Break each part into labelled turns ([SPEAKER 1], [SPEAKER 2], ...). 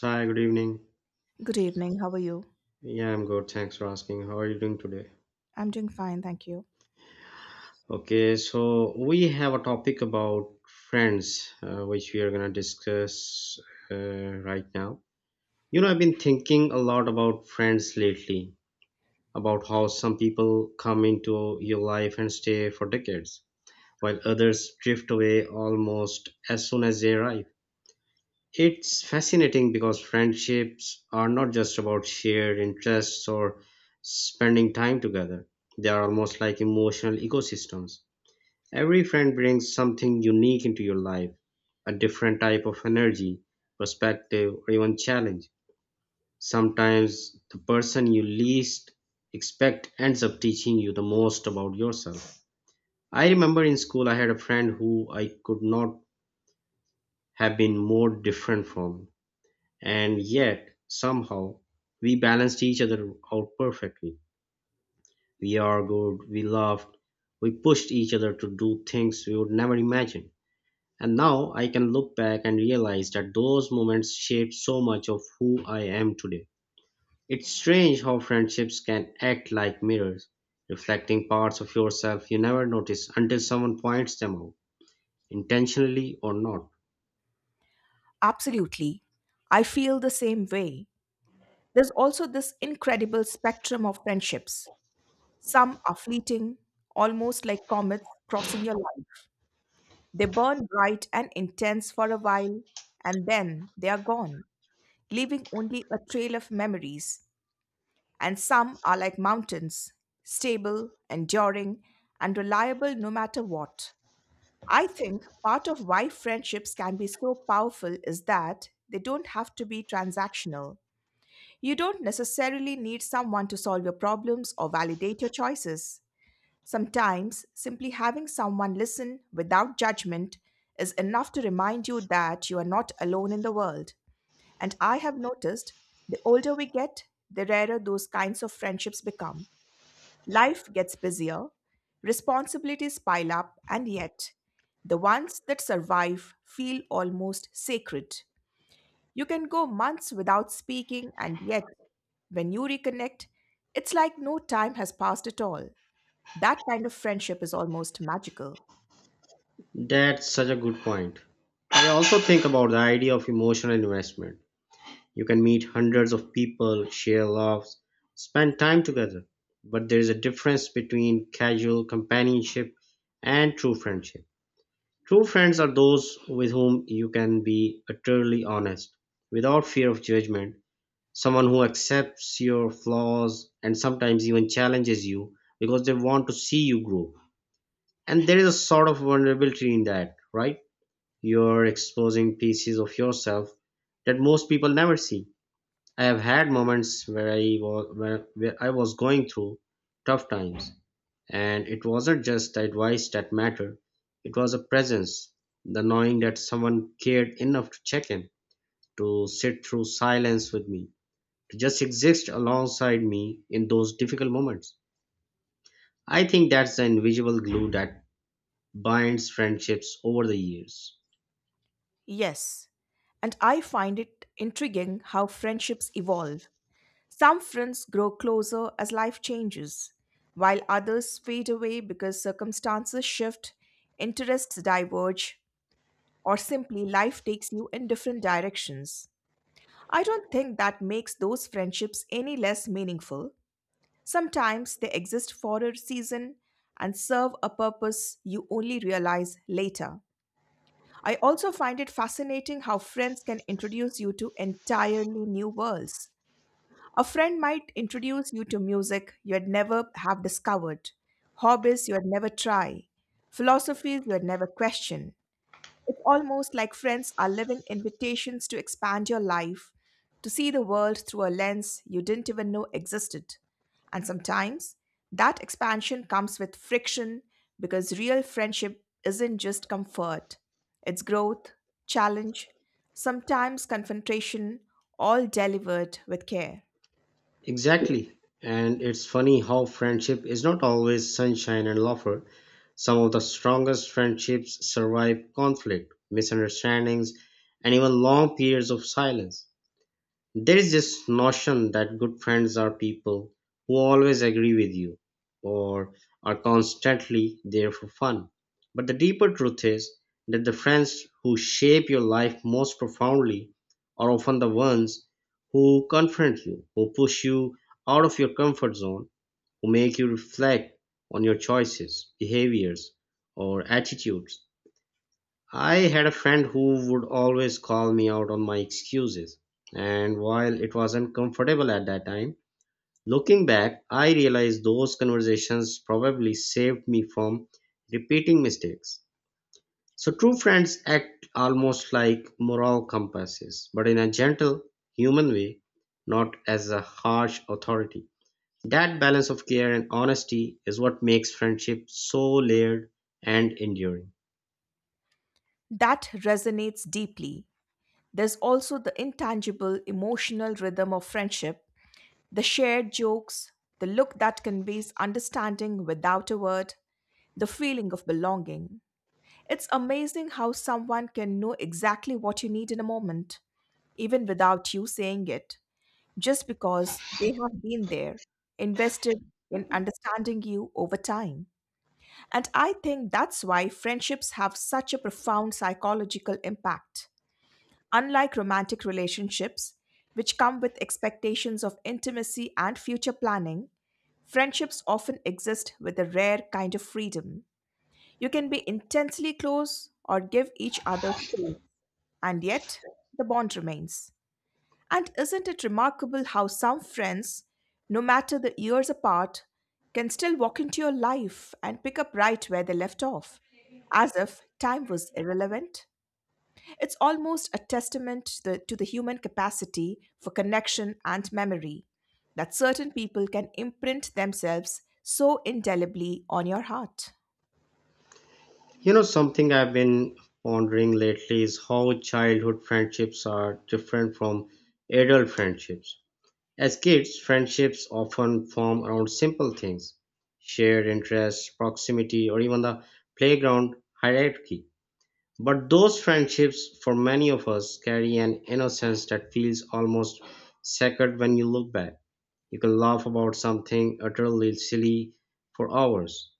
[SPEAKER 1] Hi, good evening.
[SPEAKER 2] Good evening. How are you?
[SPEAKER 1] Yeah, I'm good. Thanks for asking. How are you doing today?
[SPEAKER 2] I'm doing fine, thank you.
[SPEAKER 1] Okay, so we have a topic about friends, which we are going to discuss right now. You know, I've been thinking a lot about friends lately, about how some people come into your life and stay for decades, while others drift away almost as soon as they arrive. It's fascinating because friendships are not just about shared interests or spending time together. They are almost like emotional ecosystems. Every friend brings something unique into your life: a different type of energy, perspective, or even challenge. Sometimes the person you least expect ends up teaching you the most about yourself. I remember in school I had a friend who I could not have been more different from. And yet, somehow, we balanced each other out perfectly. We argued, we laughed, we pushed each other to do things we would never imagine. And now I can look back and realize that those moments shaped so much of who I am today. It's strange how friendships can act like mirrors, reflecting parts of yourself you never notice until someone points them out, intentionally or not.
[SPEAKER 2] Absolutely. I feel the same way. There's also this incredible spectrum of friendships. Some are fleeting, almost like comets crossing your life. They burn bright and intense for a while, and then they are gone, leaving only a trail of memories. And some are like mountains, stable, enduring, and reliable no matter what. I think part of why friendships can be so powerful is that they don't have to be transactional. You don't necessarily need someone to solve your problems or validate your choices. Sometimes, simply having someone listen without judgment is enough to remind you that you are not alone in the world. And I have noticed the older we get, the rarer those kinds of friendships become. Life gets busier, responsibilities pile up, and yet, the ones that survive feel almost sacred. You can go months without speaking, and yet, when you reconnect, it's like no time has passed at all. That kind of friendship is almost magical.
[SPEAKER 1] That's such a good point. I also think about the idea of emotional investment. You can meet hundreds of people, share laughs, spend time together. But there is a difference between casual companionship and true friendship. True friends are those with whom you can be utterly honest, without fear of judgment, someone who accepts your flaws and sometimes even challenges you because they want to see you grow. And there is a sort of vulnerability in that, right? You're exposing pieces of yourself that most people never see. I have had moments where I was going through tough times, and it wasn't just the advice that mattered. It was a presence, the knowing that someone cared enough to check in, to sit through silence with me, to just exist alongside me in those difficult moments. I think that's the invisible glue that binds friendships over the years.
[SPEAKER 2] Yes, and I find it intriguing how friendships evolve. Some friends grow closer as life changes, while others fade away because circumstances shift, interests diverge, or simply life takes you in different directions. I don't think that makes those friendships any less meaningful. Sometimes they exist for a season and serve a purpose you only realize later. I also find it fascinating how friends can introduce you to entirely new worlds, a friend might introduce you to music you had never have discovered, hobbies you had never try, philosophies you had never question. It's almost like friends are living invitations to expand your life, to see the world through a lens you didn't even know existed. And sometimes that expansion comes with friction because real friendship isn't just comfort, it's growth, challenge, sometimes confrontation, all delivered with care.
[SPEAKER 1] Exactly. And it's funny how friendship is not always sunshine and laughter. Some of the strongest friendships survive conflict, misunderstandings, and even long periods of silence. There's this notion that good friends are people who always agree with you or are constantly there for fun. But the deeper truth is that the friends who shape your life most profoundly are often the ones who confront you, who push you out of your comfort zone, who make you reflect on your choices, behaviors, or attitudes. I had a friend who would always call me out on my excuses, and while it was uncomfortable at that time, looking back, I realized those conversations probably saved me from repeating mistakes. So, true friends act almost like moral compasses, but in a gentle, human way, not as a harsh authority. That balance of care and honesty is what makes friendship so layered and enduring.
[SPEAKER 2] That resonates deeply. There's also the intangible emotional rhythm of friendship, the shared jokes, the look that conveys understanding without a word, the feeling of belonging. It's amazing how someone can know exactly what you need in a moment, even without you saying it, just because they have been there, invested in understanding you over time. And I think that's why friendships have such a profound psychological impact. Unlike romantic relationships, which come with expectations of intimacy and future planning, friendships often exist with a rare kind of freedom. You can be intensely close or give each other space, and yet the bond remains. And isn't it remarkable how some friends, no matter the years apart, can still walk into your life and pick up right where they left off, as if time was irrelevant? It's almost a testament to the human capacity for connection and memory that certain people can imprint themselves so indelibly on your heart.
[SPEAKER 1] You know, something I've been pondering lately is how childhood friendships are different from adult friendships. As kids, friendships often form around simple things: shared interests, proximity, or even the playground hierarchy. But those friendships, for many of us, carry an innocence that feels almost sacred when you look back. You can laugh about something utterly silly for hours,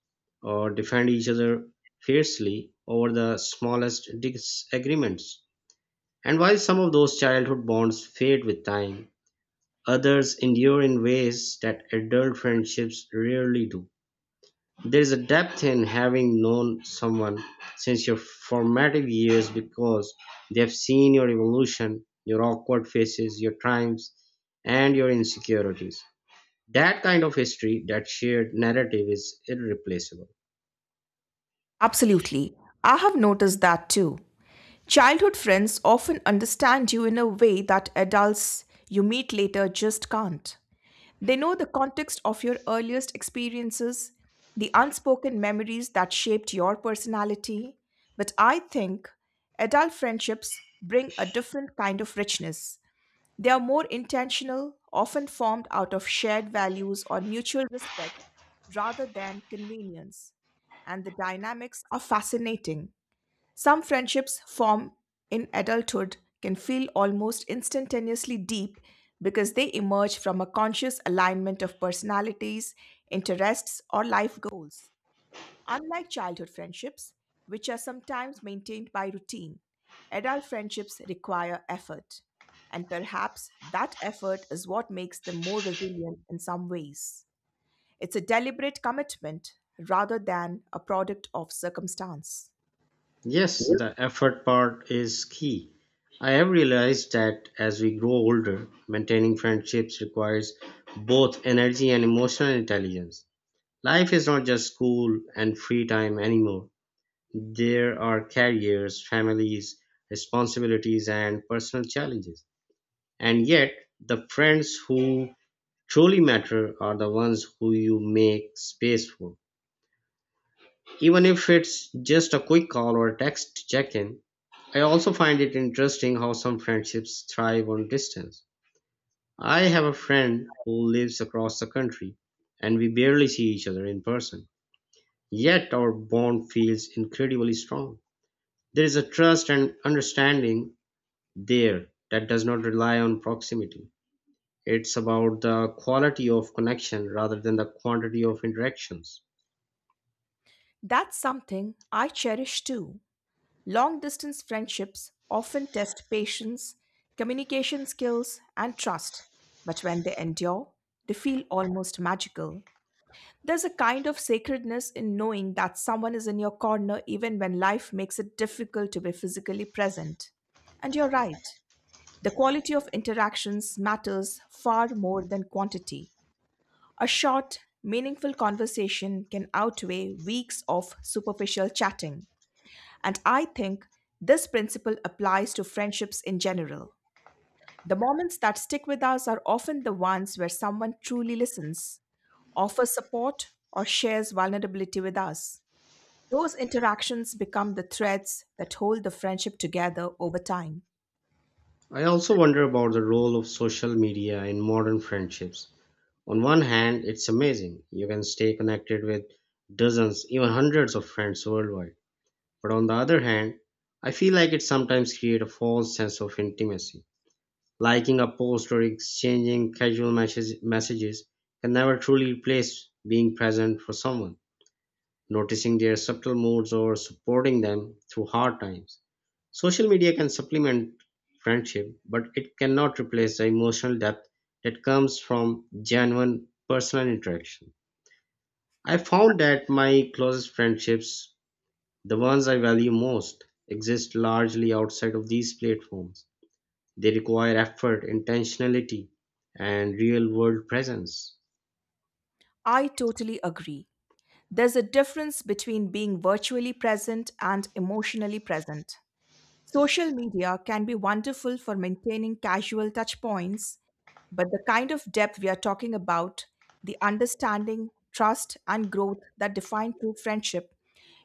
[SPEAKER 1] or defend each other fiercely over the smallest disagreements. And while some of those childhood bonds fade with time, others endure in ways that adult friendships rarely do. There is a depth in having known someone since your formative years, because they have seen your evolution, your awkward faces, your triumphs, and your insecurities. That kind of history, that shared narrative, is irreplaceable.
[SPEAKER 2] Absolutely. I have noticed that too. Childhood friends often understand you in a way that adults you meet later just can't. They know the context of your earliest experiences, the unspoken memories that shaped your personality. But I think adult friendships bring a different kind of richness. They are more intentional, often formed out of shared values or mutual respect rather than convenience. And the dynamics are fascinating. Some friendships form in adulthood can feel almost instantaneously deep because they emerge from a conscious alignment of personalities, interests, or life goals. Unlike childhood friendships, which are sometimes maintained by routine, adult friendships require effort. And perhaps that effort is what makes them more resilient in some ways. It's a deliberate commitment rather than a product of circumstance.
[SPEAKER 1] Yes, the effort part is key. I have realized that as we grow older, maintaining friendships requires both energy and emotional intelligence. Life is not just school and free time anymore. There are careers, families, responsibilities, and personal challenges. And yet, the friends who truly matter are the ones who you make space for, even if it's just a quick call or text check-in. I also find it interesting how some friendships thrive on distance. I have a friend who lives across the country and we barely see each other in person. Yet our bond feels incredibly strong. There is a trust and understanding there that does not rely on proximity. It's about the quality of connection rather than the quantity of interactions.
[SPEAKER 2] That's something I cherish too. Long distance friendships often test patience, communication skills, and trust, but when they endure, they feel almost magical. There's a kind of sacredness in knowing that someone is in your corner even when life makes it difficult to be physically present. And you're right, the quality of interactions matters far more than quantity. A short, meaningful conversation can outweigh weeks of superficial chatting. And I think this principle applies to friendships in general. The moments that stick with us are often the ones where someone truly listens, offers support, or shares vulnerability with us. Those interactions become the threads that hold the friendship together over time.
[SPEAKER 1] I also wonder about the role of social media in modern friendships. On one hand, it's amazing. You can stay connected with dozens, even hundreds of friends worldwide. But on the other hand, I feel like it sometimes creates a false sense of intimacy. Liking a post or exchanging messages can never truly replace being present for someone, noticing their subtle moods or supporting them through hard times. Social media can supplement friendship, but it cannot replace the emotional depth that comes from genuine personal interaction. I found that my closest friendships, the ones I value most, exist largely outside of these platforms. They require effort, intentionality, and real world presence.
[SPEAKER 2] I totally agree. There's a difference between being virtually present and emotionally present. Social media can be wonderful for maintaining casual touchpoints, but the kind of depth we are talking about, the understanding, trust, and growth that define true friendship,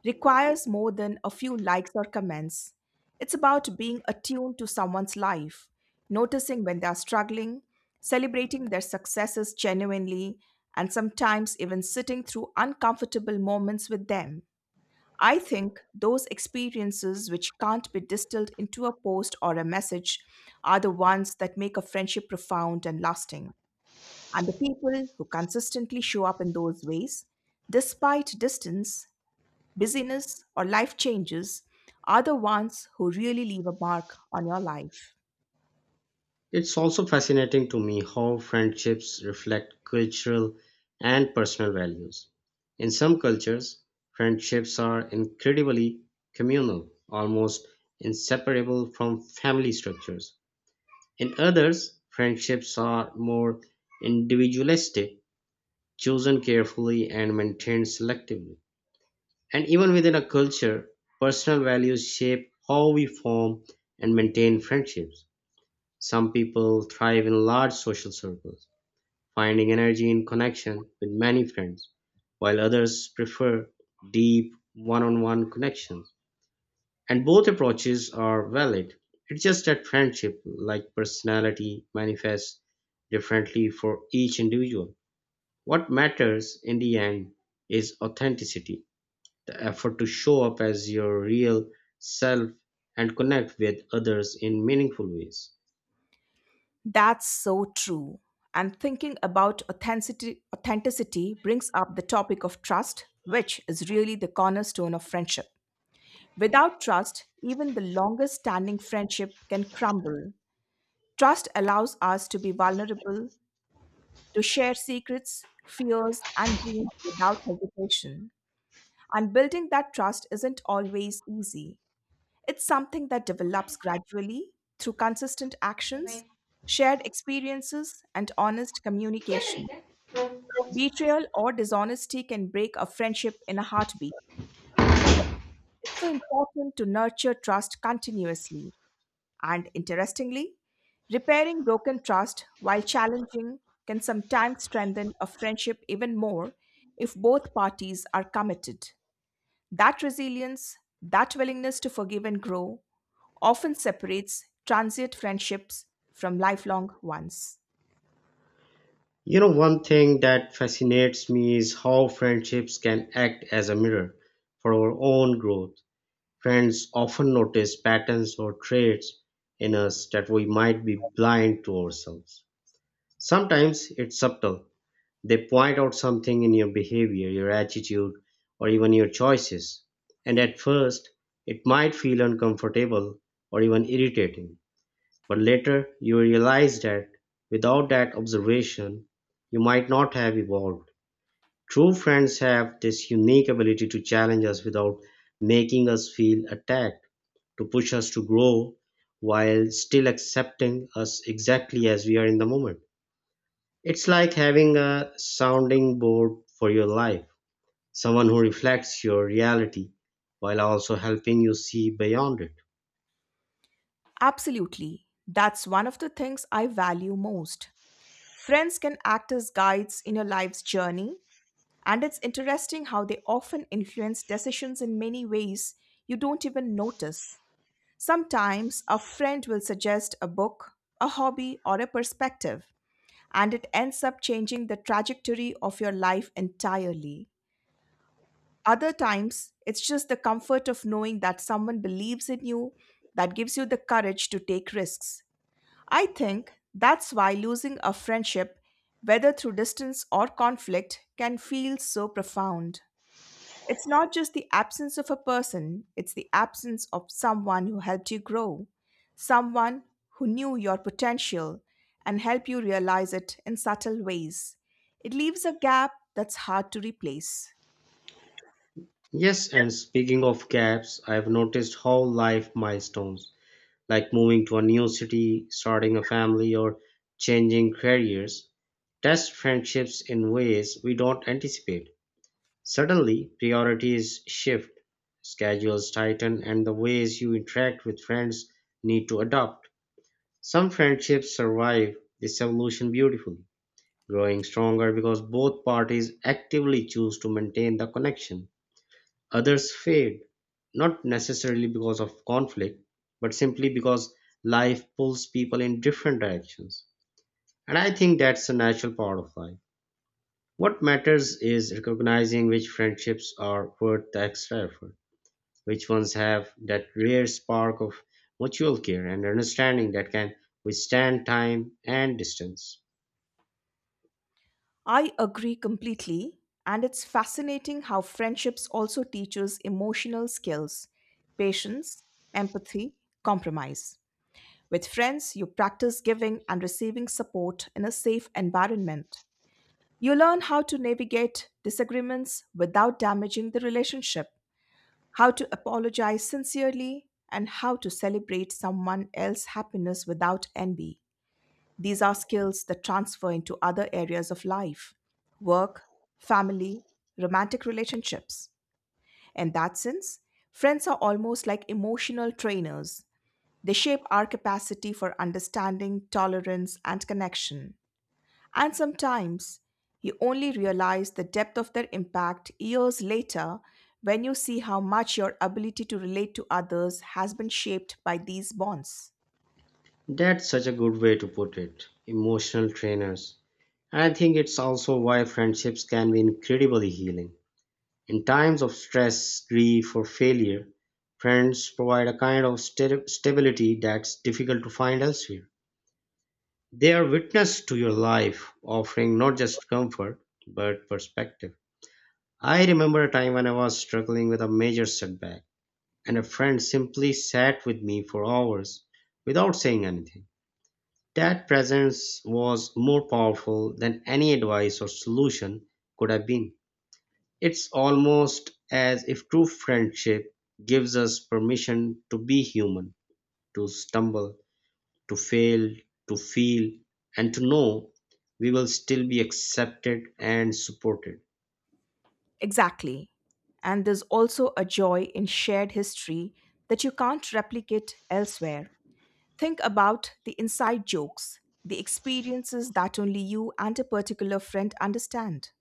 [SPEAKER 2] requires more than a few likes or comments. It's about being attuned to someone's life, noticing when they are struggling, celebrating their successes genuinely, and sometimes even sitting through uncomfortable moments with them. I think those experiences which can't be distilled into a post or a message are the ones that make a friendship profound and lasting. And the people who consistently show up in those ways, despite distance, busyness, or life changes, are the ones who really leave a mark on your life.
[SPEAKER 1] It's also fascinating to me how friendships reflect cultural and personal values. In some cultures, friendships are incredibly communal, almost inseparable from family structures. In others, friendships are more individualistic, chosen carefully and maintained selectively. And even within a culture, personal values shape how we form and maintain friendships. Some people thrive in large social circles, finding energy in connection with many friends, while others prefer deep one-on-one connections. And both approaches are valid. It's just that friendship, like personality, manifests differently for each individual. What matters in the end is authenticity, the effort to show up as your real self and connect with others in meaningful ways.
[SPEAKER 2] That's so true. And thinking about authenticity, brings up the topic of trust, which is really the cornerstone of friendship. Without trust, even the longest standing friendship can crumble. Trust allows us to be vulnerable, to share secrets, fears, and dreams without hesitation. And building that trust isn't always easy. It's something that develops gradually through consistent actions, shared experiences, and honest communication. Betrayal or dishonesty can break a friendship in a heartbeat, which it's so important to nurture trust continuously. And interestingly, repairing broken trust while challenging can sometimes strengthen a friendship even more if both parties are committed. That resilience, that willingness to forgive and grow, often separates transient friendships from lifelong ones.
[SPEAKER 1] You know, one thing that fascinates me is how friendships can act as a mirror for our own growth. Friends often notice patterns or traits in us that we might be blind to ourselves. Sometimes it's subtle. They point out something in your behavior, your attitude, or even your choices. And at first, it might feel uncomfortable or even irritating. But later you realize that without that observation, you might not have evolved. True friends have this unique ability to challenge us without making us feel attacked, to push us to grow while still accepting us exactly as we are in the moment. It's like having a sounding board for your life, someone who reflects your reality while also helping you see beyond it.
[SPEAKER 2] Absolutely. That's one of the things I value most. Friends can act as guides in your life's journey, and it's interesting how they often influence decisions in many ways you don't even notice. Sometimes a friend will suggest a book, a hobby, or a perspective, and it ends up changing the trajectory of your life entirely. Other times, it's just the comfort of knowing that someone believes in you that gives you the courage to take risks. I think that's why losing a friendship, whether through distance or conflict, can feel so profound. It's not just the absence of a person, it's the absence of someone who helped you grow, someone who knew your potential and helped you realize it in subtle ways. It leaves a gap that's hard to replace.
[SPEAKER 1] Yes, and speaking of gaps, I've noticed how life milestones like moving to a new city, starting a family, or changing careers, test friendships in ways we don't anticipate. Suddenly, priorities shift, schedules tighten, and the ways you interact with friends need to adapt. Some friendships survive this evolution beautifully, growing stronger because both parties actively choose to maintain the connection. Others fade, not necessarily because of conflict, but simply because life pulls people in different directions. And I think that's a natural part of life. What matters is recognizing which friendships are worth the extra effort, which ones have that rare spark of mutual care and understanding that can withstand time and distance.
[SPEAKER 2] I agree completely, and it's fascinating how friendships also teaches emotional skills, patience, empathy, compromise. With friends, you practice giving and receiving support in a safe environment. You learn how to navigate disagreements without damaging the relationship, how to apologize sincerely, and how to celebrate someone else's happiness without envy. These are skills that transfer into other areas of life, work, family, romantic relationships. In that sense, friends are almost like emotional trainers. They shape our capacity for understanding, tolerance, and connection. And sometimes you only realize the depth of their impact years later when you see how much your ability to relate to others has been shaped by these bonds.
[SPEAKER 1] That's such a good way to put it. Emotional trainers. I think it's also why friendships can be incredibly healing. In times of stress, grief, or failure, friends provide a kind of stability that's difficult to find elsewhere. They are witness to your life, offering not just comfort, but perspective. I remember a time when I was struggling with a major setback, and a friend simply sat with me for hours without saying anything. That presence was more powerful than any advice or solution could have been. It's almost as if true friendship gives us permission to be human, to stumble, to fail, to feel, and to know we will still be accepted and supported.
[SPEAKER 2] Exactly. And there's also a joy in shared history that you can't replicate elsewhere. Think about the inside jokes, the experiences that only you and a particular friend understand.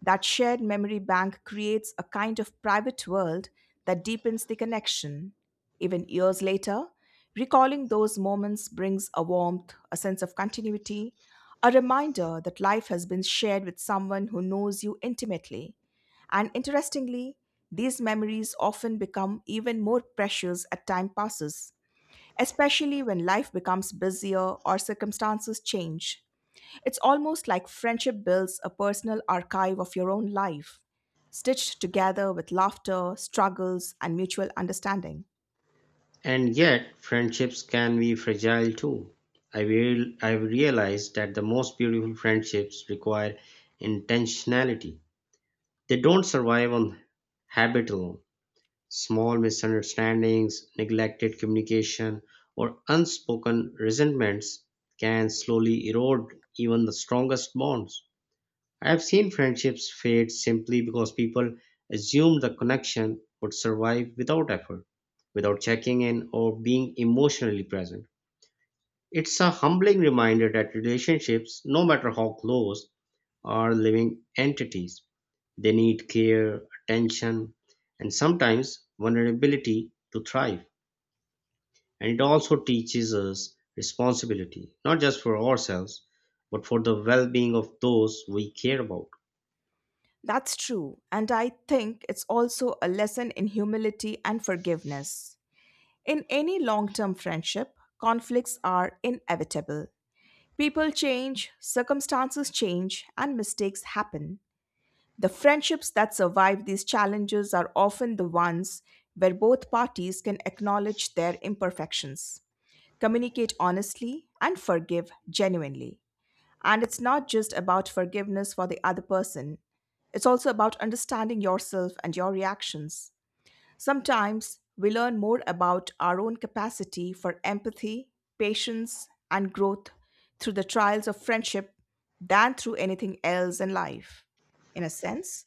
[SPEAKER 2] That shared memory bank creates a kind of private world that deepens the connection. Even years later, recalling those moments brings a warmth, a sense of continuity, a reminder that life has been shared with someone who knows you intimately. And interestingly, these memories often become even more precious as time passes, especially when life becomes busier or circumstances change. It's almost like friendship builds a personal archive of your own life, stitched together with laughter, struggles, and mutual understanding.
[SPEAKER 1] And yet, friendships can be fragile too. I've realized that the most beautiful friendships require intentionality. They don't survive on habit alone. Small misunderstandings, neglected communication, or unspoken resentments can slowly erode even the strongest bonds. I have seen friendships fade simply because people assumed the connection would survive without effort, without checking in or being emotionally present. It's a humbling reminder that relationships, no matter how close, are living entities. They need care, attention, and sometimes vulnerability to thrive. And it also teaches us responsibility, not just for ourselves, but for the well being of those we care about.
[SPEAKER 2] That's true, and I think it's also a lesson in humility and forgiveness. In any long term friendship, conflicts are inevitable. People change, circumstances change, and mistakes happen. The friendships that survive these challenges are often the ones where both parties can acknowledge their imperfections, communicate honestly, and forgive genuinely. And it's not just about forgiveness for the other person, it's also about understanding yourself and your reactions. Sometimes we learn more about our own capacity for empathy, patience, and growth through the trials of friendship than through anything else in life. In a sense,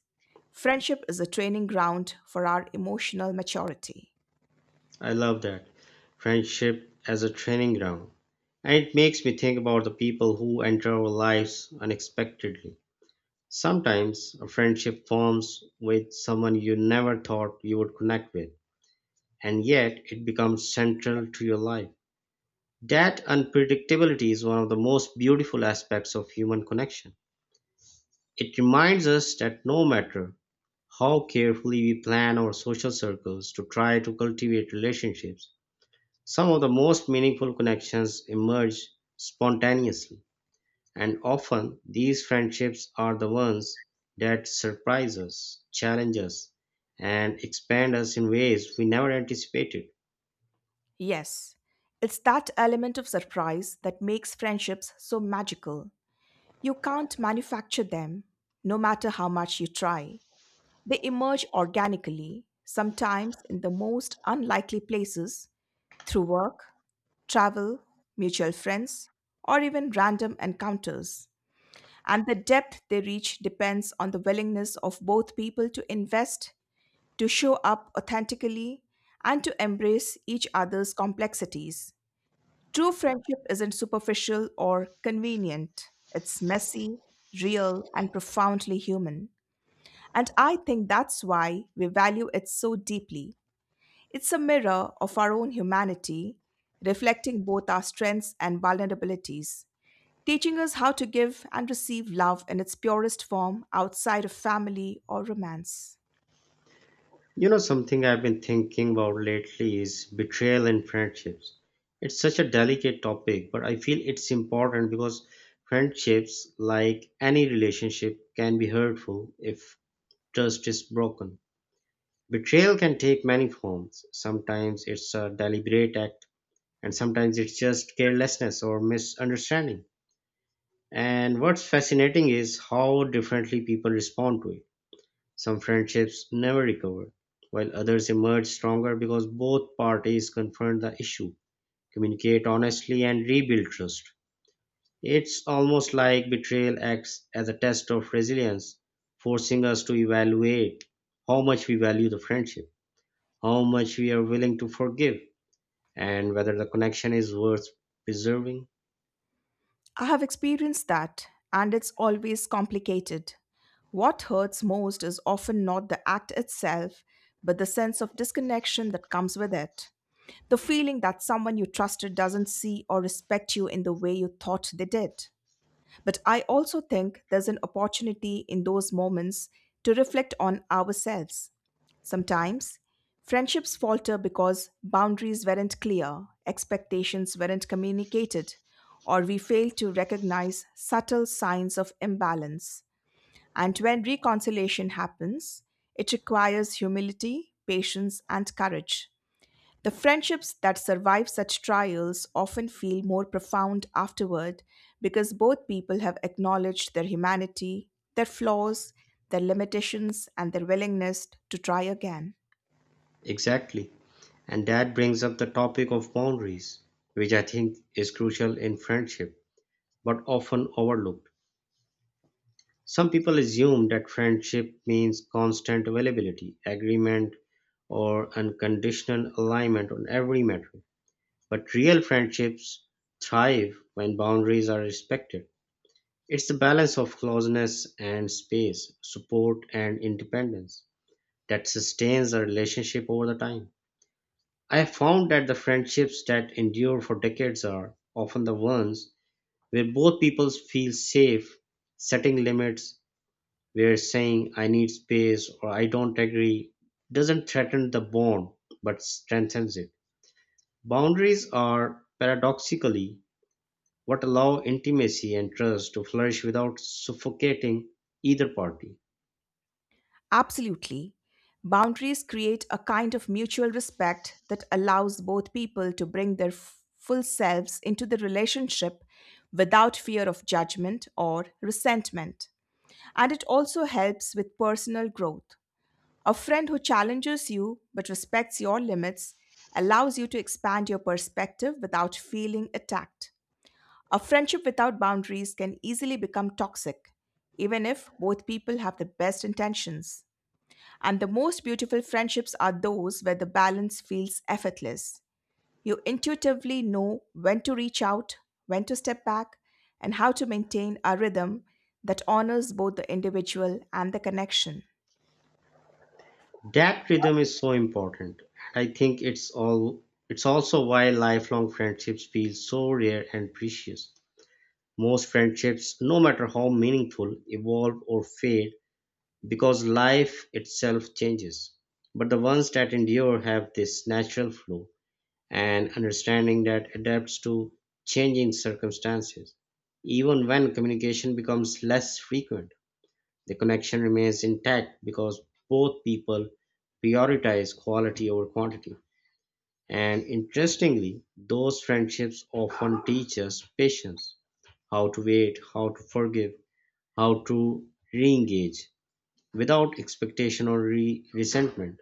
[SPEAKER 2] friendship is a training ground for our emotional maturity.
[SPEAKER 1] I love that. Friendship as a training ground. And it makes me think about the people who enter our lives unexpectedly. Sometimes a friendship forms with someone you never thought you would connect with, and yet it becomes central to your life. That unpredictability is one of the most beautiful aspects of human connection. It reminds us that no matter how carefully we plan our social circles to try to cultivate relationships, some of the most meaningful connections emerge spontaneously, and often these friendships are the ones that surprise us, challenge us, and expand us in ways we never anticipated.
[SPEAKER 2] Yes, it's that element of surprise that makes friendships so magical. You can't manufacture them, no matter how much you try. They emerge organically, sometimes in the most unlikely places, through work, travel, mutual friends, or even random encounters. And the depth they reach depends on the willingness of both people to invest, to show up authentically, and to embrace each other's complexities. True friendship isn't superficial or convenient, it's messy, real, and profoundly human. And I think that's why we value it so deeply. It's a mirror of our own humanity, reflecting both our strengths and vulnerabilities, teaching us how to give and receive love in its purest form outside of family or romance.
[SPEAKER 1] You know, something I've been thinking about lately is betrayal in friendships. It's such a delicate topic, but I feel it's important because friendships, like any relationship, can be hurtful if trust is broken. Betrayal can take many forms. Sometimes it's a deliberate act, and sometimes it's just carelessness or misunderstanding. And what's fascinating is how differently people respond to it. Some friendships never recover, while others emerge stronger because both parties confront the issue, communicate honestly, and rebuild trust. It's almost like betrayal acts as a test of resilience, forcing us to evaluate how much we value the friendship, how much we are willing to forgive, and whether the connection is worth preserving.
[SPEAKER 2] I have experienced that, and it's always complicated. What hurts most is often not the act itself, but the sense of disconnection that comes with it. The feeling that someone you trusted doesn't see or respect you in the way you thought they did. But I also think there's an opportunity in those moments to reflect on ourselves. Sometimes friendships falter because boundaries weren't clear, expectations weren't communicated, or we failed to recognize subtle signs of imbalance. And when reconciliation happens, it requires humility, patience, and courage. The friendships that survive such trials often feel more profound afterward because both people have acknowledged their humanity, their flaws, their limitations, and their willingness to try again.
[SPEAKER 1] Exactly. And that brings up the topic of boundaries, which I think is crucial in friendship, but often overlooked. Some people assume that friendship means constant availability, agreement, or unconditional alignment on every matter. But real friendships thrive when boundaries are respected. It's the balance of closeness and space, support and independence that sustains a relationship over the time. I have found that the friendships that endure for decades are often the ones where both people feel safe setting limits, where saying I need space or I don't agree doesn't threaten the bond but strengthens it. Boundaries are paradoxically what allow intimacy and trust to flourish without suffocating either party.
[SPEAKER 2] Absolutely. Boundaries create a kind of mutual respect that allows both people to bring their full selves into the relationship without fear of judgment or resentment. And it also helps with personal growth. A friend who challenges you but respects your limits allows you to expand your perspective without feeling attacked. A friendship without boundaries can easily become toxic, even if both people have the best intentions. And the most beautiful friendships are those where the balance feels effortless. You intuitively know when to reach out, when to step back, and how to maintain a rhythm that honors both the individual and the connection.
[SPEAKER 1] That rhythm is so important. I think it's also why lifelong friendships feel so rare and precious. Most friendships, no matter how meaningful, evolve or fade because life itself changes. But the ones that endure have this natural flow and understanding that adapts to changing circumstances. Even when communication becomes less frequent, the connection remains intact because both people prioritize quality over quantity. And interestingly, those friendships often teach us patience, how to wait, how to forgive, how to re engage without expectation or resentment.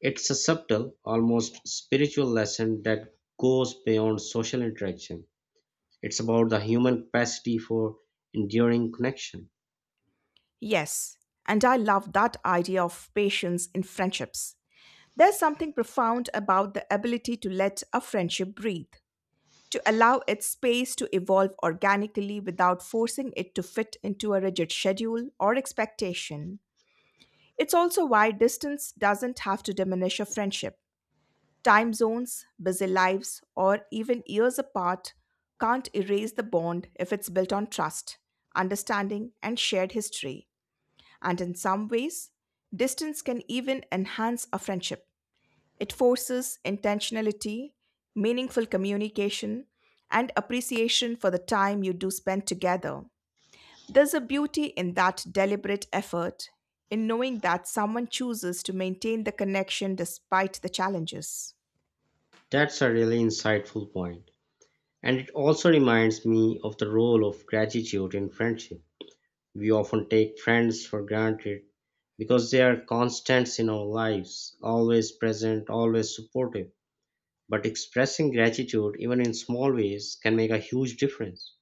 [SPEAKER 1] It's a subtle, almost spiritual lesson that goes beyond social interaction. It's about the human capacity for enduring connection.
[SPEAKER 2] Yes, and I love that idea of patience in friendships. There's something profound about the ability to let a friendship breathe, to allow its space to evolve organically without forcing it to fit into a rigid schedule or expectation. It's also why distance doesn't have to diminish a friendship. Time zones, busy lives, or even years apart can't erase the bond if it's built on trust, understanding, and shared history. And in some ways, distance can even enhance a friendship. It forces intentionality, meaningful communication, and appreciation for the time you do spend together. There's a beauty in that deliberate effort, in knowing that someone chooses to maintain the connection despite the challenges.
[SPEAKER 1] That's a really insightful point. And it also reminds me of the role of gratitude in friendship. We often take friends for granted because they are constants in our lives, always present, always supportive. But expressing gratitude, even in small ways, can make a huge difference.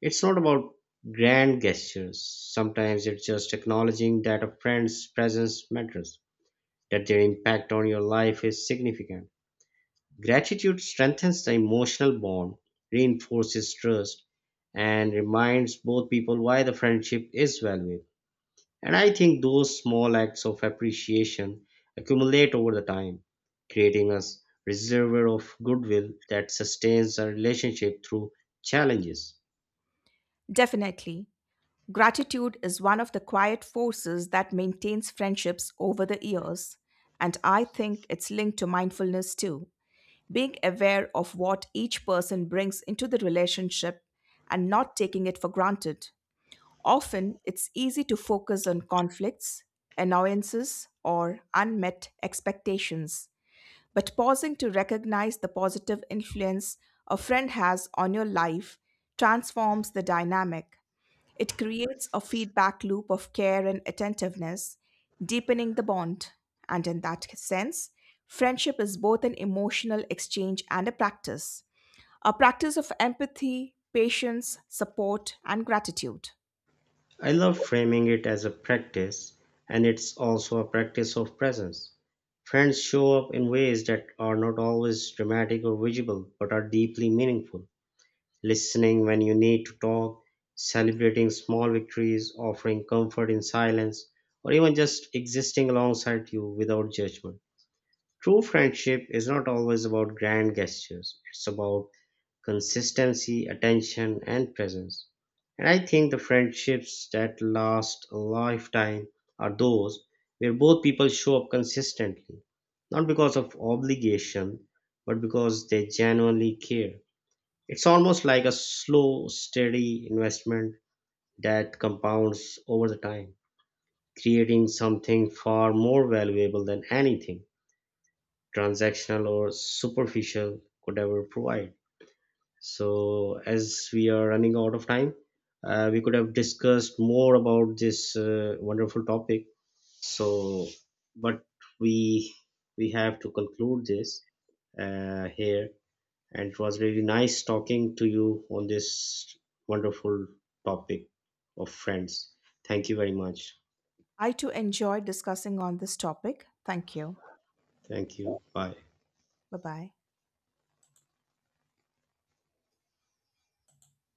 [SPEAKER 1] It's not about grand gestures. Sometimes it's just acknowledging that a friend's presence matters, that their impact on your life is significant. Gratitude strengthens the emotional bond, reinforces trust, and reminds both people why the friendship is valuable. And I think those small acts of appreciation accumulate over the time, creating a reservoir of goodwill that sustains a relationship through challenges.
[SPEAKER 2] Definitely, gratitude is one of the quiet forces that maintains friendships over the years, and I think it's linked to mindfulness too. Being aware of what each person brings into the relationship and not taking it for granted. Often, it's easy to focus on conflicts, annoyances, or unmet expectations. But pausing to recognize the positive influence a friend has on your life transforms the dynamic. It creates a feedback loop of care and attentiveness, deepening the bond. And in that sense, friendship is both an emotional exchange and a practice of empathy, patience, support, and gratitude.
[SPEAKER 1] I love framing it as a practice, and it's also a practice of presence. Friends show up in ways that are not always dramatic or visible, but are deeply meaningful. Listening when you need to talk, celebrating small victories, offering comfort in silence, or even just existing alongside you without judgment. True friendship is not always about grand gestures, it's about consistency, attention, and presence. And I think the friendships that last a lifetime are those where both people show up consistently, not because of obligation, but because they genuinely care. It's almost like a slow, steady investment that compounds over the time, creating something far more valuable than anything transactional or superficial could ever provide. So, as we are running out of time, we could have discussed more about this wonderful topic. So, but we we have to conclude this here. And it was really nice talking to you on this wonderful topic of friends. Thank you very much.
[SPEAKER 2] I too enjoyed discussing on this topic. Thank you.
[SPEAKER 1] Thank you. Bye.
[SPEAKER 2] Bye bye.